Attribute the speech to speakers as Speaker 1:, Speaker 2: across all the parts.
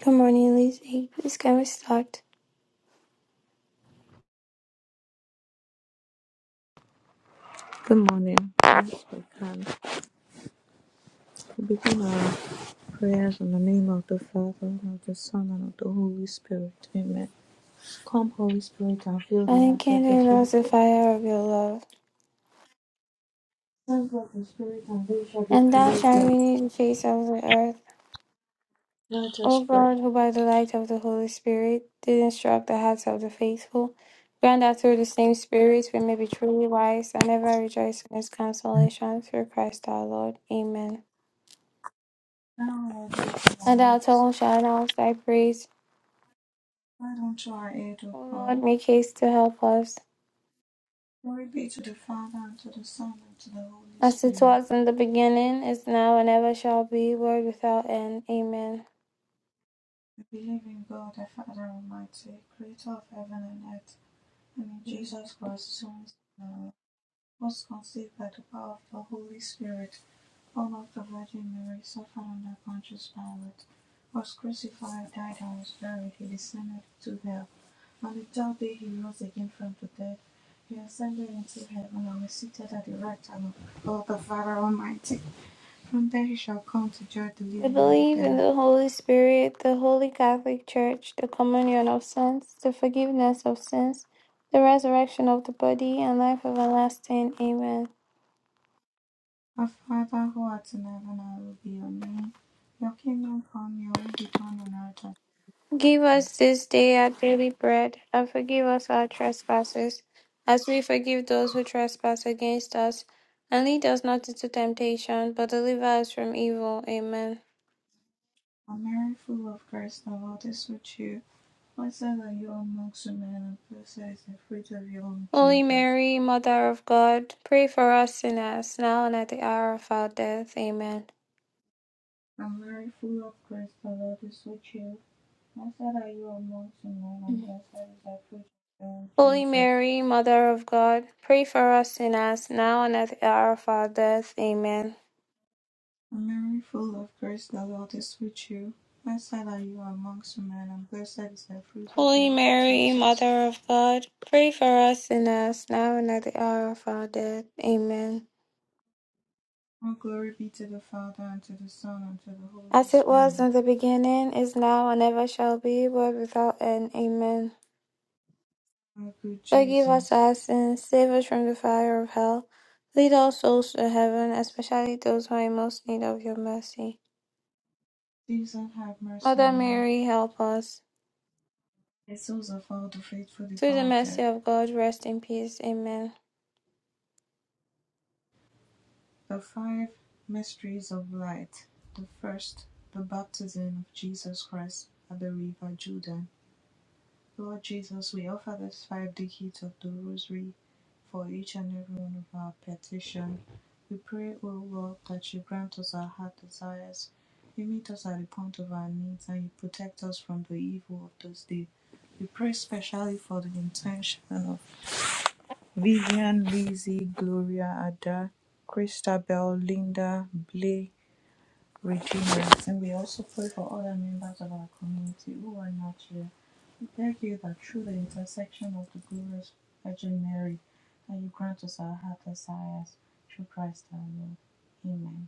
Speaker 1: Good morning leaves age, the sky was stopped.
Speaker 2: Good morning. let begin. We begin our prayers in the name of the Father, and of the Son, and of the Holy Spirit. Amen. Come, Holy Spirit, and fill the
Speaker 1: Thy
Speaker 2: hearts of the
Speaker 1: candor knows the
Speaker 2: faithful.
Speaker 1: fire of your love.
Speaker 2: Send forth the Spirit, and they shall be
Speaker 1: And thou shalt
Speaker 2: created.
Speaker 1: renew the face of the earth.
Speaker 2: Let
Speaker 1: O
Speaker 2: us pray.
Speaker 1: God, who by the light of the Holy Spirit did instruct the hearts of the faithful, grant that through the same Spirit we may be truly wise and ever rejoice in his consolation through Christ our Lord. Amen.
Speaker 2: Now let open
Speaker 1: And
Speaker 2: our
Speaker 1: our
Speaker 2: lips.
Speaker 1: tongue shall announce thy praise.
Speaker 2: Why unto our aid, O
Speaker 1: O
Speaker 2: God?
Speaker 1: Lord, make haste to help us.
Speaker 2: Glory be to the Father, and to the Son, and to the Holy
Speaker 1: As it
Speaker 2: Spirit.
Speaker 1: was in the beginning, is now, and ever shall be, world without end. Amen.
Speaker 2: We believe in God, the Father Almighty, creator of heaven and earth, and in Jesus Christ, His only Son. was conceived by the power of the Holy Spirit, born of the Virgin Mary, suffered under Pontius Pilate, was crucified, died, and was buried. He descended to hell. On the third day he rose again from the dead. He ascended into heaven and is seated at the right hand of God the Father Almighty. From there he shall come to judge the
Speaker 1: We
Speaker 2: living and the
Speaker 1: believe in
Speaker 2: dead.
Speaker 1: the Holy Spirit, the Holy Catholic Church, the communion of saints, the forgiveness of sins, the resurrection of the body, and life everlasting. Amen.
Speaker 2: Our Father who art in heaven, hallowed be your name. Your kingdom come, your will be done on earth as it is
Speaker 1: Give
Speaker 2: in heaven.
Speaker 1: us this day our daily bread, and forgive us our trespasses, as we forgive those who trespass against us. And lead us not into temptation, but deliver us from evil. Amen.
Speaker 2: O Mary, full of grace, the Lord is with you. I say that you are amongst men and blessed is the fruit of your womb,
Speaker 1: Holy
Speaker 2: Jesus.
Speaker 1: Mary, Mother of God, pray for us sinners, now and at the hour of our death. Amen.
Speaker 2: And Mary, full of grace, the Lord is with you. Blessed are you amongst men and blessed is the fruit of your womb,
Speaker 1: Holy
Speaker 2: Jesus.
Speaker 1: Mary, Mother of God, pray for us sinners, now and at the hour of our death. Amen.
Speaker 2: And Mary, full of grace, the Lord is with you. Blessed are you amongst men and blessed is the fruit of your
Speaker 1: Holy
Speaker 2: womb,
Speaker 1: Mary,
Speaker 2: Jesus.
Speaker 1: Mother of God, pray for us sinners, now and at the hour of our death. Amen.
Speaker 2: All glory be to the Father and to the Son and to the Holy
Speaker 1: As it
Speaker 2: Spirit.
Speaker 1: was in the beginning, is now, and ever shall be, world without end. Amen.
Speaker 2: O good
Speaker 1: Forgive us
Speaker 2: Jesus,
Speaker 1: our sins, save us from the fire of hell. Lead all souls to heaven, especially those who are in most need of your mercy.
Speaker 2: Jesus have mercy
Speaker 1: Mother
Speaker 2: on us.
Speaker 1: Mary, help us.
Speaker 2: The souls of all the faithful
Speaker 1: Through the
Speaker 2: departed
Speaker 1: mercy of God, rest in peace. Amen.
Speaker 2: The five mysteries of light. The first, the baptism of Jesus Christ at the river Jordan. Lord Jesus, we offer this five decades of the rosary for each and every one of our petition. We pray, O Lord, that you grant us our heart desires. You meet us at the point of our needs and you protect us from the evil of this day. We pray specially for the intention of Vivian, Lizzie, Gloria, Ada, Christabel, Linda, Blay, Regina. And we also pray for other members of our community who are not here. We beg you that through the intercession of the glorious Virgin Mary, that you grant us our heart desires through Christ our Lord. Amen.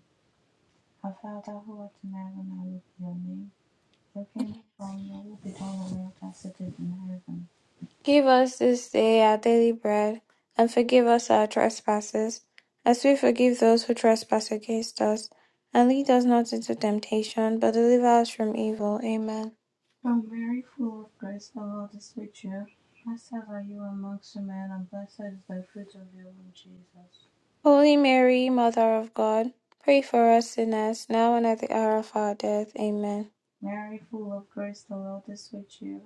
Speaker 2: Our Father who art in heaven, hallowed be your name. Your kingdom come, your will be done on earth as it is in heaven.
Speaker 1: Give us this day our daily bread, and forgive us our trespasses, as we forgive those who trespass against us. And lead us not into temptation, but deliver us from evil. Amen.
Speaker 2: O Mary, full of grace, the Lord is with you. Blessed are you amongst women, and blessed is the fruit of your womb, Jesus.
Speaker 1: Holy Mary, Mother of God, pray for us sinners, now and at the hour of our death. Amen.
Speaker 2: Mary, full of grace, the Lord is with you.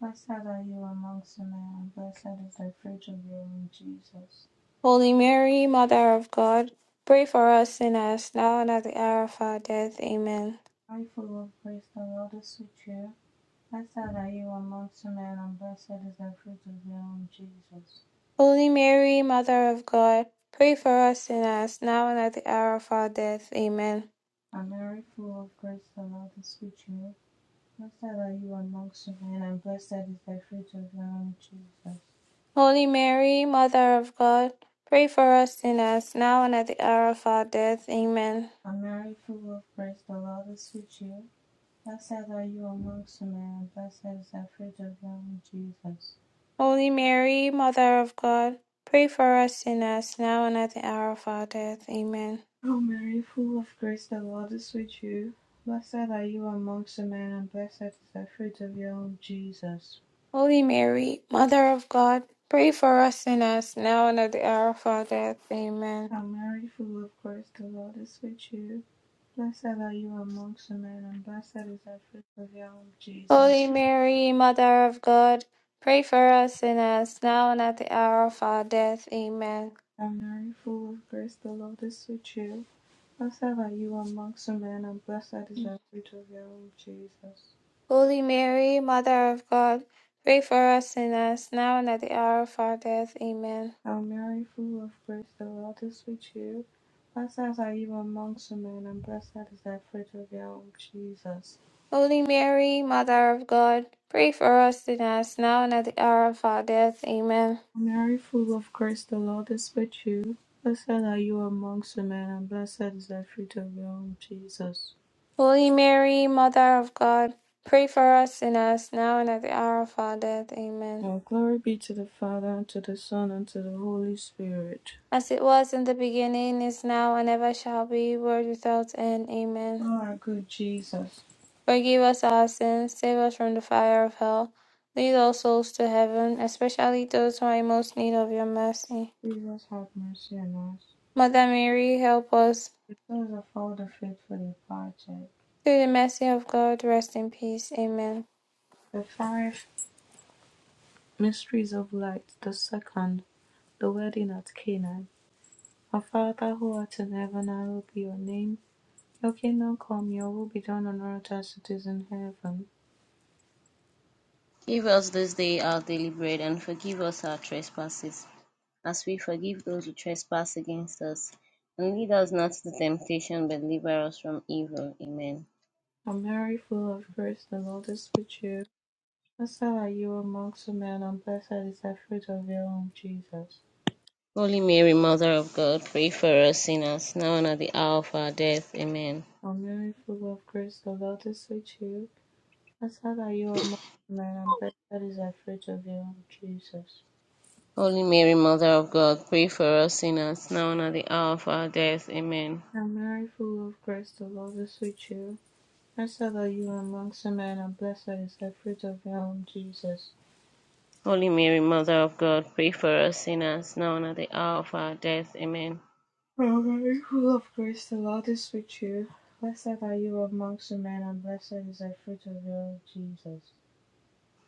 Speaker 2: Blessed are you amongst women, and blessed is the fruit of your womb, Jesus.
Speaker 1: Holy Mary, Mother of God, pray for us sinners, now and at the hour of our death. Amen.
Speaker 2: Mary, full of grace, the Lord is with you. Blessed are you amongst women, and blessed is the fruit of your womb, Jesus.
Speaker 1: Holy Mary, Mother of God, pray for us sinners, now and at the hour of our death. Amen.
Speaker 2: And Mary, full of grace, the Lord is with you. Blessed are you amongst women, and blessed is the fruit of your womb, Jesus.
Speaker 1: Holy Mary, Mother of God, pray for us sinners, now and at the hour of our death. Amen.
Speaker 2: i Mary full of grace, the Lord is with you. Blessed are you amongst women, and blessed is the fruit of your womb, Jesus.
Speaker 1: Holy Mary, Mother of God, pray for us sinners, now and at the hour of our death. Amen.
Speaker 2: O Mary, full of grace, the Lord is with you. Blessed are you amongst women, and blessed is the fruit of your womb, Jesus.
Speaker 1: Holy Mary, Mother of God, pray for us sinners, now and at the hour of our death. Amen.
Speaker 2: O Mary, full of grace, the Lord is with you. Blessed are you amongst women, and blessed is the fruit of your womb,
Speaker 1: Holy
Speaker 2: Jesus.
Speaker 1: Mary, Mother of God, pray for us sinners, now and at the hour of our death. Amen.
Speaker 2: O Mary, full of grace, the Lord is with you. Blessed are you amongst men, and blessed is the fruit of your womb, Jesus.
Speaker 1: Holy Mary, Mother of God, pray for us sinners, now and at the hour of our death. Amen.
Speaker 2: Hail Mary, full of grace, the Lord is with you. Blessed are you amongst men, and blessed is the fruit of your womb, Jesus.
Speaker 1: Holy Mary, Mother of God, pray for us sinners, now and at the hour of our death. Amen.
Speaker 2: Hail Mary, full of grace, the Lord is with you. Blessed are you amongst men, and blessed is the fruit of your womb, Jesus.
Speaker 1: Holy Mary, Mother of God, pray for us sinners, now and at the hour of our death. Amen.
Speaker 2: Now glory be to the Father, and to the Son, and to the Holy Spirit.
Speaker 1: As it was in the beginning, is now, and ever shall be, world without end. Amen.
Speaker 2: O our good Jesus,
Speaker 1: Forgive us our sins, save us from the fire of hell. Lead all souls to heaven, especially those who are in most need of your mercy.
Speaker 2: Jesus have mercy on us.
Speaker 1: Mother Mary, help us.
Speaker 2: This is a folder fit for the project.
Speaker 1: Through the mercy of God, rest in peace. Amen.
Speaker 2: The five mysteries of light. The second, the wedding at Canaan. Our Father who art in heaven, hallowed be your name. Your kingdom come, your will be done on earth as it is in heaven.
Speaker 3: Give us this day our daily bread, and forgive us our trespasses, as we forgive those who trespass against us. And lead us not into temptation, but deliver us from evil. Amen.
Speaker 2: And Mary, full of grace, the Lord is with you. Blessed are you amongst men, and blessed is the fruit of your womb, Jesus.
Speaker 3: Holy Mary, Mother of God, pray for us sinners, now and at the hour of our death. Amen.
Speaker 2: O Mary, full of grace, the Lord is with you. Blessed are you amongst men, and blessed is the fruit of your womb, Jesus.
Speaker 3: Holy Mary, Mother of God, pray for us sinners, now and at the hour of our death. Amen.
Speaker 2: And Mary, full of grace, the Lord is with you. Blessed are you amongst men, and blessed is the fruit of your womb, Jesus.
Speaker 3: Holy Mary, Mother of God, pray for us sinners, now and at the hour of our death. Amen.
Speaker 2: O Mary, full of grace, the Lord is with you. Blessed are you amongst men, and blessed is the fruit of your womb, Jesus.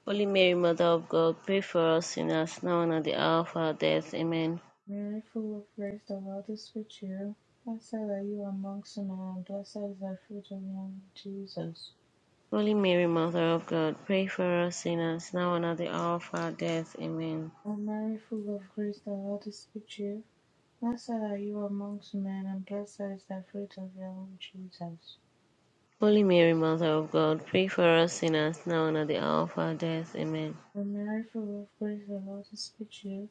Speaker 3: Holy Mary, Mother of God, pray for us sinners, now and at the hour of our death. Amen.
Speaker 2: Mary, full of grace, the Lord is with you. Blessed are you amongst men, and blessed is the fruit of your womb, Jesus.
Speaker 3: Holy Mary, Mother of God, pray for us sinners, now and at the hour of our death. Amen.
Speaker 2: O Mary, full of grace, the Lord is with you. Blessed are you amongst men, and blessed is the fruit of your womb, Jesus.
Speaker 3: Holy Mary, Mother of God, pray for us sinners, now and at the hour of our death. Amen.
Speaker 2: When Mary, full of grace, the Lord is with you.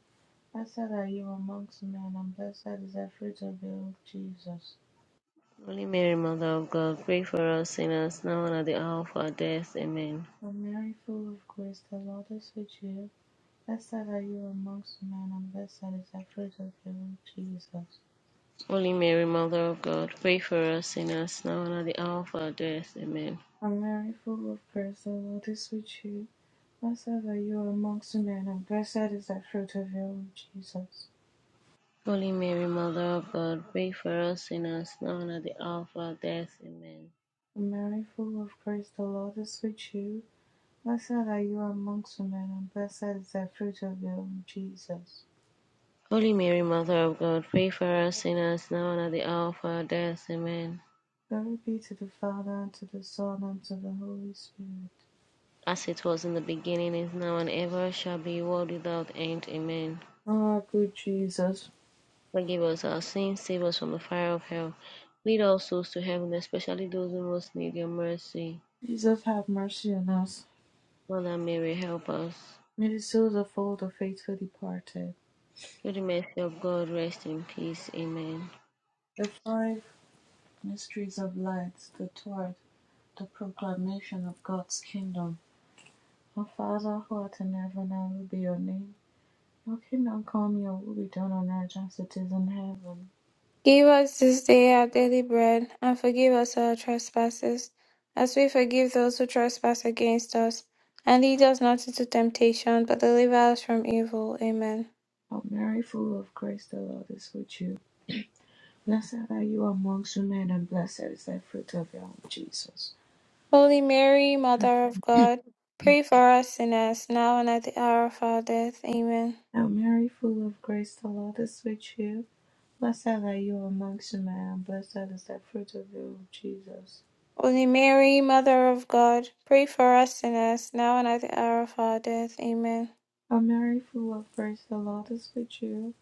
Speaker 2: Blessed are you amongst men, and blessed is the fruit of your womb, Jesus.
Speaker 3: Holy Mary, Mother of God, pray for us sinners, now and at the hour of our death. Amen.
Speaker 2: When Mary, full of grace, the Lord is with you. Blessed are you amongst men, and blessed is the fruit of your womb, Jesus.
Speaker 3: Holy Mary, Mother of God, pray for us sinners, now and at the hour of our death. Amen.
Speaker 2: When Mary, full of grace, the Lord is with you. Blessed are you amongst men, and blessed is the fruit of your womb, Jesus.
Speaker 3: Holy Mary, Mother of God, pray for us sinners, now and at the hour of our death. Amen.
Speaker 2: When Mary, full of grace, the Lord is with you. Blessed are you amongst men, and blessed is the fruit of your womb, Jesus.
Speaker 3: Holy Mary, Mother of God, pray for us sinners, now and at the hour of our death. Amen.
Speaker 2: Glory be to the Father, and to the Son, and to the Holy Spirit.
Speaker 3: As it was in the beginning, is now, and ever shall be, world without end. Amen.
Speaker 2: O our good Jesus,
Speaker 3: Forgive us our sins, save us from the fire of hell. Lead all souls to heaven, especially those who most need your mercy.
Speaker 2: Jesus have mercy on us.
Speaker 3: Mother Mary, help us.
Speaker 2: May the souls of all the faithful departed,
Speaker 3: Through the mercy of God, rest in peace. Amen.
Speaker 2: the five mysteries of light, the third, the proclamation of God's kingdom. Our Father who art in heaven, hallowed be your name. Your kingdom come, your will be done on earth as it is in heaven.
Speaker 1: Give us this day our daily bread, and forgive us our trespasses, as we forgive those who trespass against us. And lead us not into temptation, but deliver us from evil. Amen.
Speaker 2: O Mary, full of grace, the Lord is with you. Blessed are you amongst women, and blessed is the fruit of your womb, Jesus.
Speaker 1: Holy Mary, Mother of God, pray for us sinners, now and at the hour of our death. Amen.
Speaker 2: Now, Mary, full of grace, the Lord is with you. Blessed are you amongst men, and blessed is the fruit of your womb, Jesus.
Speaker 1: Holy Mary, Mother of God, pray for us sinners, now and at the hour of our death. Amen.
Speaker 2: O Mary, full of grace, the Lord is with you.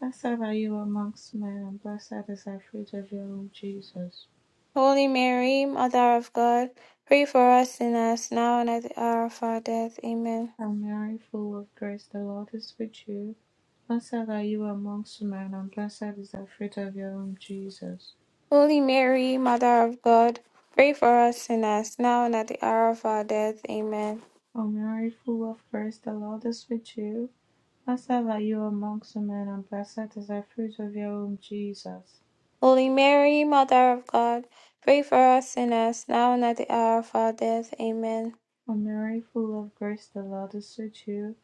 Speaker 2: Blessed are you amongst men, and blessed is the fruit of your womb, Jesus.
Speaker 1: Holy Mary, Mother of God, pray for us sinners, now and at the hour of our death. Amen.
Speaker 2: O Mary, full of grace, the Lord is with you. Blessed are you amongst men, and blessed is the fruit of your womb, Jesus.
Speaker 1: Holy Mary, Mother of God, pray for us sinners, now and at the hour of our death. Amen.
Speaker 2: O Mary, full of grace, the Lord is with you. Blessed are you amongst men, and blessed is the fruit of your womb, Jesus.
Speaker 1: Holy Mary, Mother of God, pray for us sinners, now and at the hour of our death. Amen.
Speaker 2: O Mary, full of grace, the Lord is with you.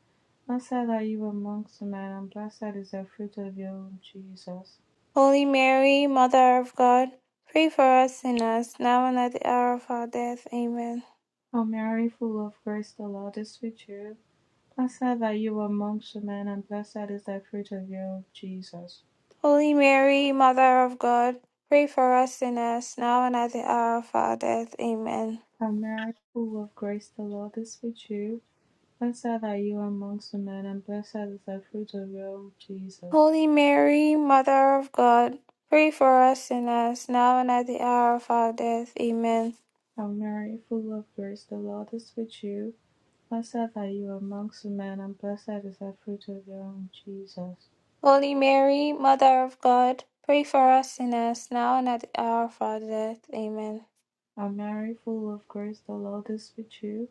Speaker 2: Blessed are you amongst women, and blessed is the fruit of your womb, Jesus.
Speaker 1: Holy Mary, Mother of God, pray for us sinners, now and at the hour of our death. Amen.
Speaker 2: O Mary, full of grace, the Lord is with you. Blessed are you amongst women, and blessed is the fruit of your womb, Jesus.
Speaker 1: Holy Mary, Mother of God, pray for us sinners, now and at the hour of our death. Amen.
Speaker 2: O Mary, full of grace, the Lord is with you. Blessed are you amongst women, and blessed is the fruit of your womb, Jesus.
Speaker 1: Holy Mary, Mother of God, pray for us sinners, now and at the hour of our death. Amen.
Speaker 2: O Mary, full of grace, the Lord is with you. Blessed are you amongst men, and blessed is the fruit of your womb, Jesus.
Speaker 1: Holy Mary, Mother of God, pray for us sinners, now and at the hour of our death. Amen.
Speaker 2: O Mary, full of grace, the Lord is with you.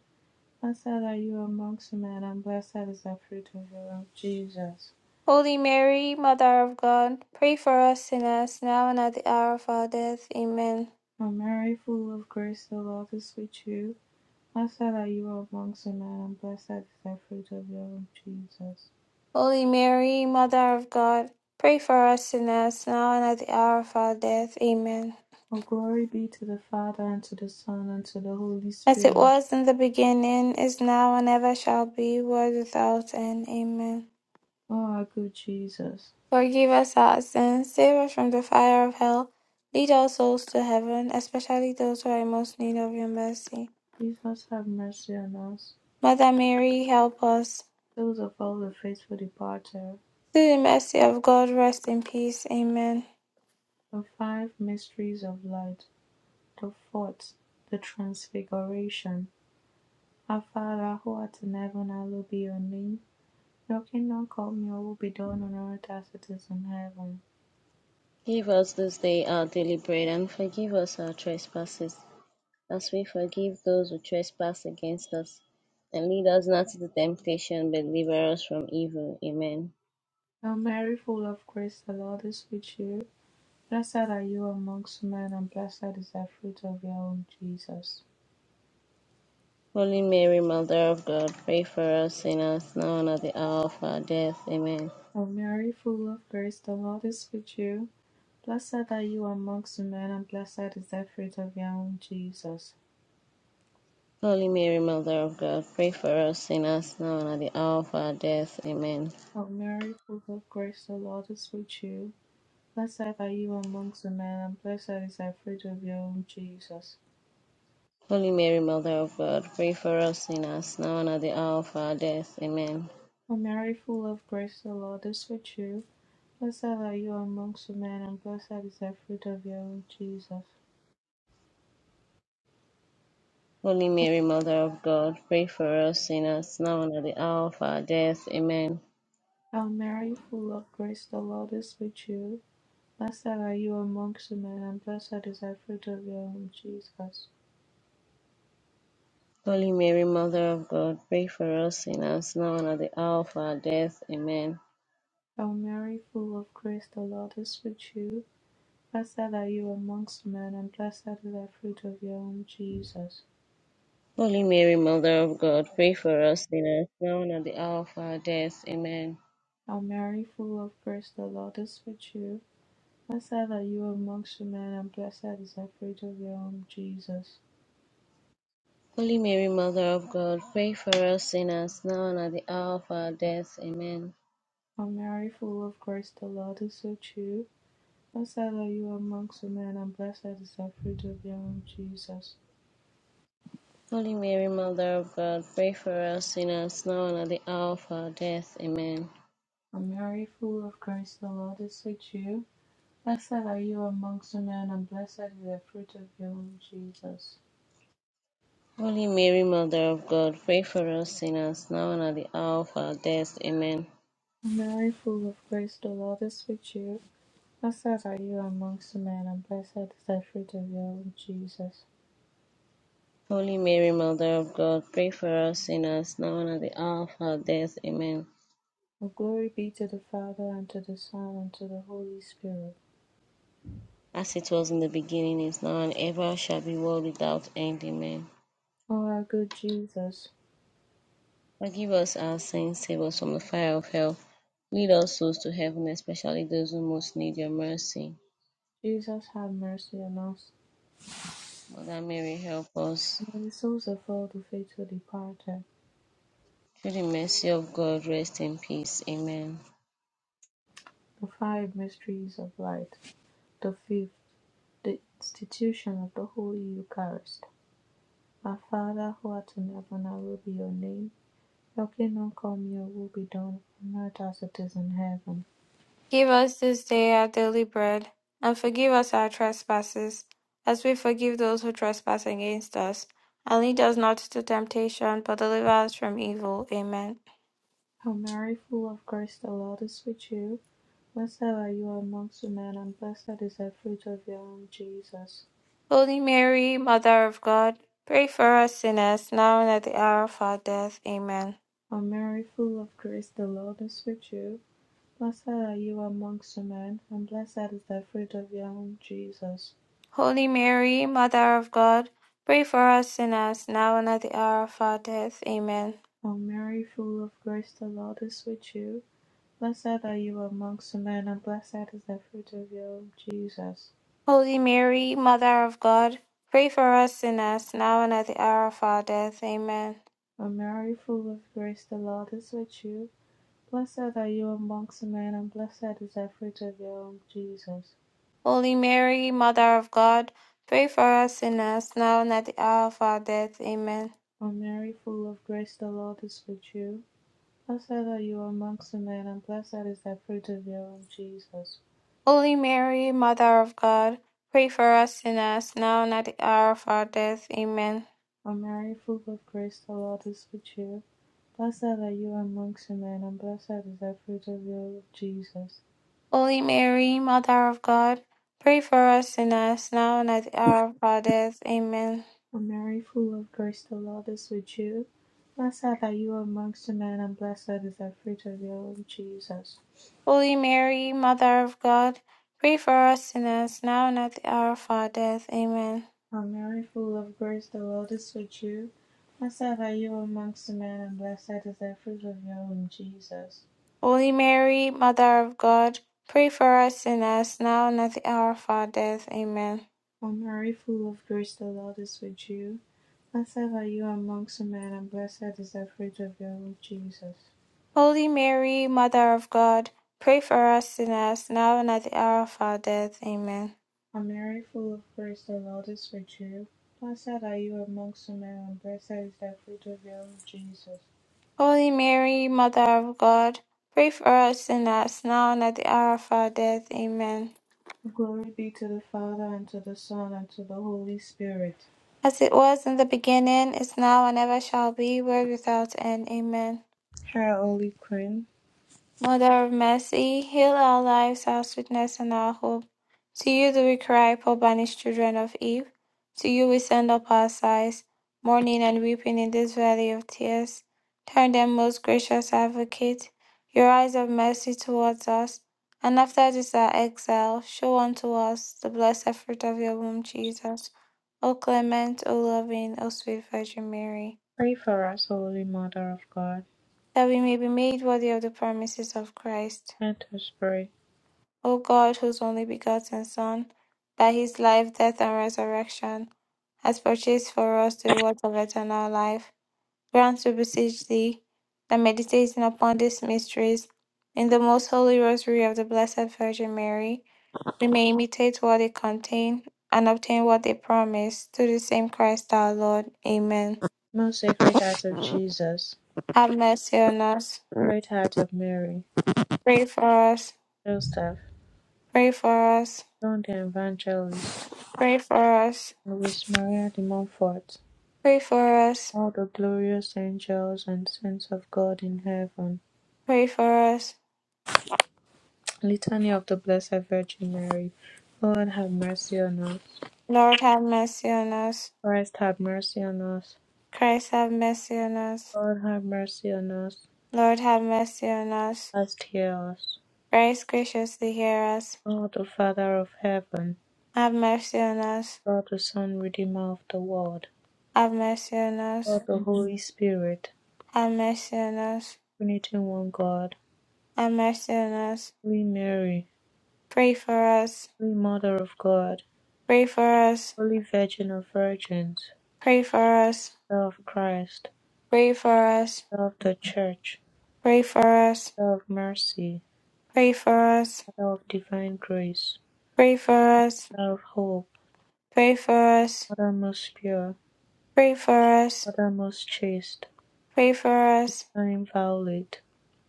Speaker 2: Blessed are you amongst men, and blessed is the fruit of your womb, Jesus.
Speaker 1: Holy Mary, Mother of God, pray for us sinners, now and at the hour of our death. Amen.
Speaker 2: O Mary, full of grace, the Lord is with you. Blessed are you amongst men, and blessed is the fruit of your womb, Jesus.
Speaker 1: Holy Mary, Mother of God, pray for us sinners, now and at the hour of our death. Amen.
Speaker 2: O glory be to the Father, and to the Son, and to the Holy
Speaker 1: As it
Speaker 2: Spirit.
Speaker 1: was in the beginning, is now, and ever shall be, world without end. Amen.
Speaker 2: O our good Jesus.
Speaker 1: Forgive us our sins, save us from the fire of hell, lead all souls to heaven, especially those who are in most need of your mercy.
Speaker 2: Jesus, have mercy on us,
Speaker 1: Mother Mary, help us.
Speaker 2: those of all the faithful departed
Speaker 1: Through the mercy of God, rest in peace. Amen.
Speaker 2: The five mysteries of light, the fourth, the transfiguration. Our Father, who art in heaven, hallowed be your name. Your kingdom come, your will be done on earth as it is in heaven.
Speaker 3: Give us this day our daily bread, and forgive us our trespasses, as we forgive those who trespass against us. And lead us not into temptation, but deliver us from evil. Amen.
Speaker 2: Hail Mary, full of grace, the Lord is with you. Blessed are you amongst men, and blessed is the fruit of your womb, Jesus.
Speaker 3: Holy Mary, Mother of God, pray for us sinners, now and at the hour of our death. Amen.
Speaker 2: Hail Mary, full of grace, the Lord is with you. Blessed are you amongst men, and blessed is the fruit of your womb, Jesus.
Speaker 3: Holy Mary, Mother of God, pray for us sinners, now and at the hour of our death. Amen.
Speaker 2: Hail Mary, full of grace, the Lord is with you. Blessed are you amongst women, and blessed is the fruit of your womb, Jesus.
Speaker 3: Holy Mary, Mother of God, pray for us sinners, now and at the hour of our death. Amen.
Speaker 2: O Mary, full of grace, the Lord is with you. Blessed are you amongst women, and blessed is the fruit of your womb, Jesus.
Speaker 3: Holy Mary, Mother of God, pray for us sinners, now and at the hour of our death. Amen.
Speaker 2: O Mary, full of grace, the Lord is with you. Blessed are you amongst women, and blessed is the fruit of your womb, Jesus.
Speaker 3: Holy Mary, Mother of God, pray for us sinners, now and at the hour of our death. Amen.
Speaker 2: O Mary, full of grace, the Lord is with you. Blessed are you amongst men, and blessed is the fruit of your womb, Jesus.
Speaker 3: Holy Mary, Mother of God, pray for us sinners, now and at the hour of our death. Amen.
Speaker 2: O Mary, full of grace, the Lord is with you. Blessed are you amongst women, and blessed is the fruit of your womb, Jesus.
Speaker 3: Holy Mary, Mother of God, pray for us sinners, now and at the hour of our death. Amen.
Speaker 2: O Mary, full of grace, the Lord is with you. Blessed are you amongst women, and blessed is the fruit of your womb, Jesus.
Speaker 3: Holy Mary, Mother of God, pray for us sinners, now and at the hour of our death. Amen.
Speaker 2: O Mary, full of grace, the Lord is with you. Blessed are you amongst women, and blessed is the fruit of your womb, Jesus.
Speaker 3: Holy Mary, Mother of God, pray for us sinners, now and at the hour of our death. Amen.
Speaker 2: O Mary, full of grace, the Lord is with you. Blessed are you amongst women, and blessed is the fruit of your womb, Jesus.
Speaker 3: Holy Mary, Mother of God, pray for us sinners, now and at the hour of our death. Amen.
Speaker 2: Well, glory be to the Father, and to the Son, and to the Holy Spirit.
Speaker 3: As it was in the beginning, is now, and ever shall be, world without end. Amen.
Speaker 2: O our good Jesus,
Speaker 3: Forgive us our sins, save us from the fire of hell. Lead all souls to heaven, especially those who most need your mercy.
Speaker 2: Jesus, have mercy on us.
Speaker 3: Mother Mary, help us.
Speaker 2: May the souls of all the faithful departed,
Speaker 3: Through the mercy of God, rest in peace. Amen.
Speaker 2: the five mysteries of light, the fifth, the institution of the Holy Eucharist. Our Father, who art in heaven, hallowed be your name. Your kingdom come, your will be done, on earth as it is in heaven.
Speaker 1: Give us this day our daily bread, and forgive us our trespasses, as we forgive those who trespass against us. And lead us not into temptation, but deliver us from evil. Amen.
Speaker 2: Hail Mary, full of grace, the Lord is with you. Blessed are you amongst men, and blessed is the fruit of your womb, Jesus.
Speaker 1: Holy Mary, Mother of God, pray for us sinners, now and at the hour of our death. Amen.
Speaker 2: O Mary, full of grace, the Lord is with you. Blessed are you amongst men, and blessed is the fruit of your womb, Jesus.
Speaker 1: Holy Mary, Mother of God, pray for us sinners, now and at the hour of our death. Amen.
Speaker 2: O Mary, full of grace, the Lord is with you. Blessed are you amongst men, and blessed is the fruit of your womb, Jesus.
Speaker 1: Holy Mary, Mother of God, pray for us sinners, now and at the hour of our death. Amen.
Speaker 2: O Mary, full of grace, the Lord is with you. Blessed are you amongst men, and blessed is the fruit of your womb, Jesus.
Speaker 1: Holy Mary, Mother of God, pray for us sinners now and at the hour of our death. Amen.
Speaker 2: O Mary, full of grace, the Lord is with you. Blessed are you amongst the men, and blessed is the fruit of your womb, Jesus.
Speaker 1: Holy Mary, Mother of God, pray for us sinners now and at the hour of our death. Amen.
Speaker 2: O Mary, full of grace, the Lord is with you. Blessed are you amongst the men, and blessed is the fruit of your womb, Jesus.
Speaker 1: Holy Mary, Mother of God, pray for us sinners now and at the hour of our death. Amen.
Speaker 2: O Mary, full of grace, the Lord is with you. Blessed are you amongst the men, and blessed is the fruit of your womb, Jesus.
Speaker 1: Holy Mary, Mother of God, pray for us sinners now and at the hour of our death. Amen.
Speaker 2: O Mary, full of grace, the Lord is with you. Blessed are you amongst the men, and blessed is the fruit of your womb, Jesus.
Speaker 1: Holy Mary, Mother of God, pray for us sinners now and at the hour of our death. Amen.
Speaker 2: O Mary, full of grace, the Lord is with you. Blessed are you amongst women, and blessed is the fruit of your womb, Jesus.
Speaker 1: Holy Mary, Mother of God, pray for us sinners now and at the hour of our death. Amen.
Speaker 2: O Mary, full of grace, the Lord is with you. Blessed are you amongst women, and blessed is the fruit of your womb, Jesus.
Speaker 1: Holy Mary, Mother of God, pray for us sinners now and at the hour of our death. Amen.
Speaker 2: Glory be to the Father, and to the Son, and to the Holy Spirit.
Speaker 1: As it was in the beginning, is now, and ever shall be, world without end. Amen.
Speaker 2: Hail, Holy Queen,
Speaker 1: Mother of mercy, heal our lives, our sweetness, and our hope. To you do we cry, poor banished children of Eve. To you we send up our sighs, mourning and weeping in this valley of tears. Turn them, most gracious advocate, your eyes of mercy towards us, and after this our exile, show unto us the blessed fruit of your womb, Jesus. O clement, O loving, O sweet Virgin Mary,
Speaker 2: pray for us, Holy Mother of God.
Speaker 1: that we may be made worthy of the promises of Christ.
Speaker 2: Let us pray.
Speaker 1: O God, whose only begotten Son, by his life, death, and resurrection, has purchased for us the reward of eternal life, grant, we beseech thee, that meditating upon these mysteries in the most holy rosary of the Blessed Virgin Mary, we may imitate what they contain and obtain what they promise, through the same Christ our Lord. Amen.
Speaker 2: Most Sacred Heart of Jesus,
Speaker 1: Have mercy on us.
Speaker 2: Great Heart of Mary,
Speaker 1: Pray for us.
Speaker 2: Joseph,
Speaker 1: Pray for us.
Speaker 2: John the Evangelist.
Speaker 1: Pray for us.
Speaker 2: With Maria de Montfort,
Speaker 1: Pray for us.
Speaker 2: all the glorious angels and saints of God in heaven.
Speaker 1: Pray for us.
Speaker 2: Litany of the Blessed Virgin Mary. Lord have mercy on us.
Speaker 1: Lord have mercy on us.
Speaker 2: Christ have mercy on us.
Speaker 1: Christ have mercy on us.
Speaker 2: Lord have mercy on us.
Speaker 1: Lord have mercy on us.
Speaker 2: Christ hear us.
Speaker 1: Christ graciously hear us.
Speaker 2: God the Father of heaven.
Speaker 1: Have mercy on us.
Speaker 2: God the Son, Redeemer of the world.
Speaker 1: Have mercy on us.
Speaker 2: God the Holy Spirit.
Speaker 1: Have mercy on us.
Speaker 2: Trinity one God.
Speaker 1: Have mercy on us.
Speaker 2: Holy Mary.
Speaker 1: Pray for us.
Speaker 2: Holy Mother of God.
Speaker 1: Pray for us.
Speaker 2: Holy Virgin of Virgins.
Speaker 1: Pray for us.
Speaker 2: Mother of Christ.
Speaker 1: Pray for us.
Speaker 2: Mother of the Church,
Speaker 1: Pray for us.
Speaker 2: Mother of Mercy,
Speaker 1: Pray for us.
Speaker 2: Mother of Divine Grace,
Speaker 1: Pray for us.
Speaker 2: Mother of Hope,
Speaker 1: Pray for us.
Speaker 2: Mother most pure,
Speaker 1: Pray for us.
Speaker 2: Mother most chaste,
Speaker 1: Pray for us.
Speaker 2: Mother inviolate,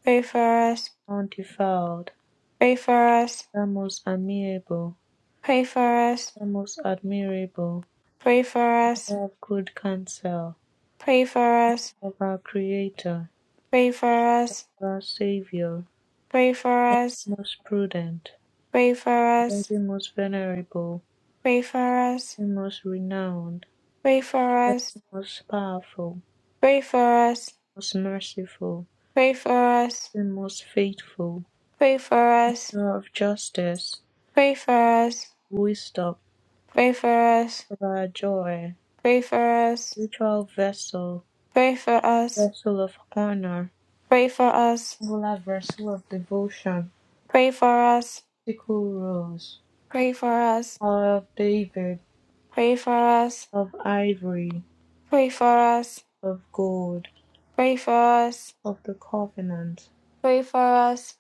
Speaker 1: Pray for us.
Speaker 2: undefiled,
Speaker 1: Pray for us.
Speaker 2: Mother most amiable,
Speaker 1: Pray for us.
Speaker 2: Mother most admirable,
Speaker 1: Pray for us,
Speaker 2: Mother of good counsel,
Speaker 1: pray for us,
Speaker 2: of our Creator,
Speaker 1: pray for us,
Speaker 2: of our Savior,
Speaker 1: pray for us,
Speaker 2: most prudent,
Speaker 1: pray for us,
Speaker 2: Virgin most venerable,
Speaker 1: pray for us,
Speaker 2: Virgin most renowned,
Speaker 1: pray for
Speaker 2: Virgin
Speaker 1: us,
Speaker 2: most powerful,
Speaker 1: pray for us,
Speaker 2: most merciful,
Speaker 1: pray for us,
Speaker 2: Virgin most faithful,
Speaker 1: pray for us,
Speaker 2: Bringer of justice,
Speaker 1: pray for us,
Speaker 2: wisdom,
Speaker 1: pray for us,
Speaker 2: of our joy,
Speaker 1: pray for us,
Speaker 2: spiritual vessel,
Speaker 1: pray for us, pray for us,
Speaker 2: vessel of honor,
Speaker 1: pray for us,
Speaker 2: angular vessel of devotion,
Speaker 1: pray for us,
Speaker 2: sickle rose,
Speaker 1: pray for us,
Speaker 2: tower of David,
Speaker 1: pray for us,
Speaker 2: of ivory,
Speaker 1: pray for us,
Speaker 2: of gold,
Speaker 1: pray for us,
Speaker 2: of the covenant,
Speaker 1: pray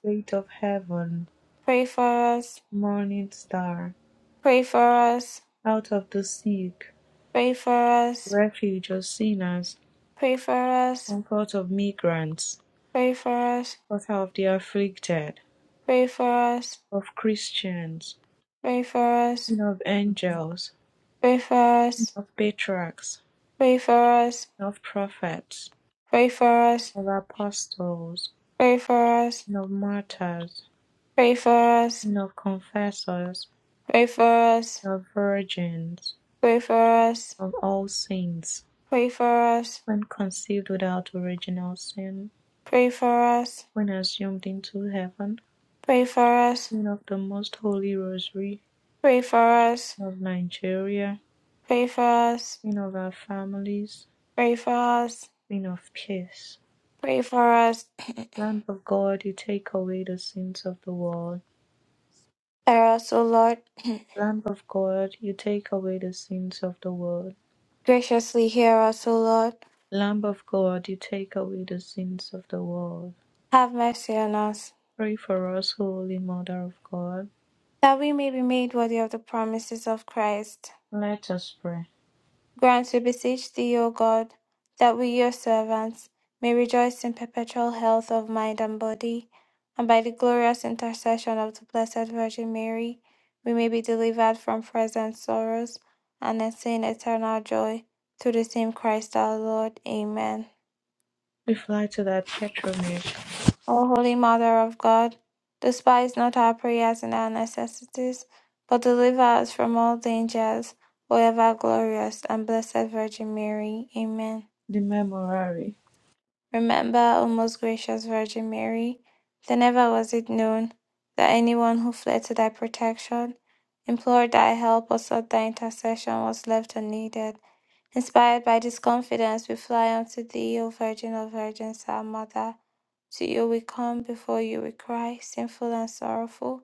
Speaker 2: gate of heaven,
Speaker 1: for us,
Speaker 2: morning star,
Speaker 1: pray for us.
Speaker 2: out of the sick,
Speaker 1: Pray for us.
Speaker 2: refuge of sinners,
Speaker 1: Pray for us.
Speaker 2: comfort of migrants,
Speaker 1: Pray for us.
Speaker 2: author of the afflicted,
Speaker 1: Pray for us.
Speaker 2: of Christians,
Speaker 1: Pray for us.
Speaker 2: queen of angels,
Speaker 1: Pray for us.
Speaker 2: of patriarchs,
Speaker 1: Pray for us.
Speaker 2: and of prophets,
Speaker 1: Pray for us.
Speaker 2: and of apostles,
Speaker 1: Pray for us.
Speaker 2: and of martyrs,
Speaker 1: Pray for us.
Speaker 2: and of confessors,
Speaker 1: Pray for us.
Speaker 2: and of virgins,
Speaker 1: Pray for us.
Speaker 2: and of all saints,
Speaker 1: Pray for us.
Speaker 2: when conceived without original sin,
Speaker 1: Pray for us.
Speaker 2: when assumed into heaven,
Speaker 1: Pray for us.
Speaker 2: and of the most holy rosary,
Speaker 1: Pray for us.
Speaker 2: and of Nigeria,
Speaker 1: Pray for us.
Speaker 2: Queen of our families,
Speaker 1: Pray for us.
Speaker 2: Queen of peace.
Speaker 1: Pray for us.
Speaker 2: Lamb of God, you take away the sins of the world.
Speaker 1: Hear us, O Lord.
Speaker 2: Lamb of God, you take away the sins of the world.
Speaker 1: Graciously hear us, O Lord.
Speaker 2: Lamb of God, you take away the sins of the world.
Speaker 1: Have mercy on us.
Speaker 2: Pray for us, Holy Mother of God.
Speaker 1: that we may be made worthy of the promises of Christ.
Speaker 2: Let us pray.
Speaker 1: Grant, we beseech thee, O God, that we, your servants, may rejoice in perpetual health of mind and body, and by the glorious intercession of the Blessed Virgin Mary, we may be delivered from present sorrows and attain eternal joy through the same Christ our Lord. Amen.
Speaker 2: We fly to that patronage,
Speaker 1: O Holy Mother of God, despise not our prayers and our necessities, but deliver us from all dangers, O ever glorious and blessed Virgin Mary. Amen.
Speaker 2: the memorare.
Speaker 1: Remember, O most gracious Virgin Mary, that never was it known that anyone who fled to thy protection, implored thy help, or sought thy intercession was left unneeded. Inspired by this confidence, we fly unto thee, O Virgin of Virgins, our Mother. To you we come, before you we cry, sinful and sorrowful.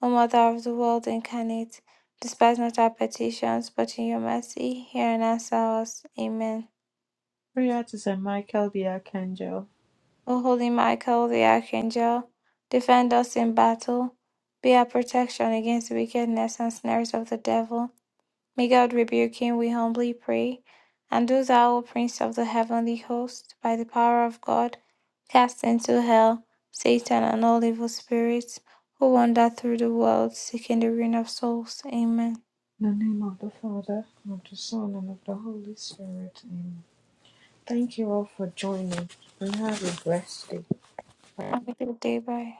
Speaker 1: O Mother of the world incarnate, despise not our petitions, but in your mercy hear and answer us. Amen.
Speaker 2: Prayer to St. Michael the Archangel.
Speaker 1: O holy Michael the Archangel, defend us in battle, be our protection against wickedness and snares of the devil. May God rebuke him, we humbly pray. And do thou, O Prince of the heavenly host, by the power of God, cast into hell Satan and all evil spirits who wander through the world seeking the ruin of souls. Amen.
Speaker 2: In the name of the Father, and of the Son, and of the Holy Spirit. Amen. Thank you all for joining, and have a blessed day.
Speaker 1: Have a good day. Bye.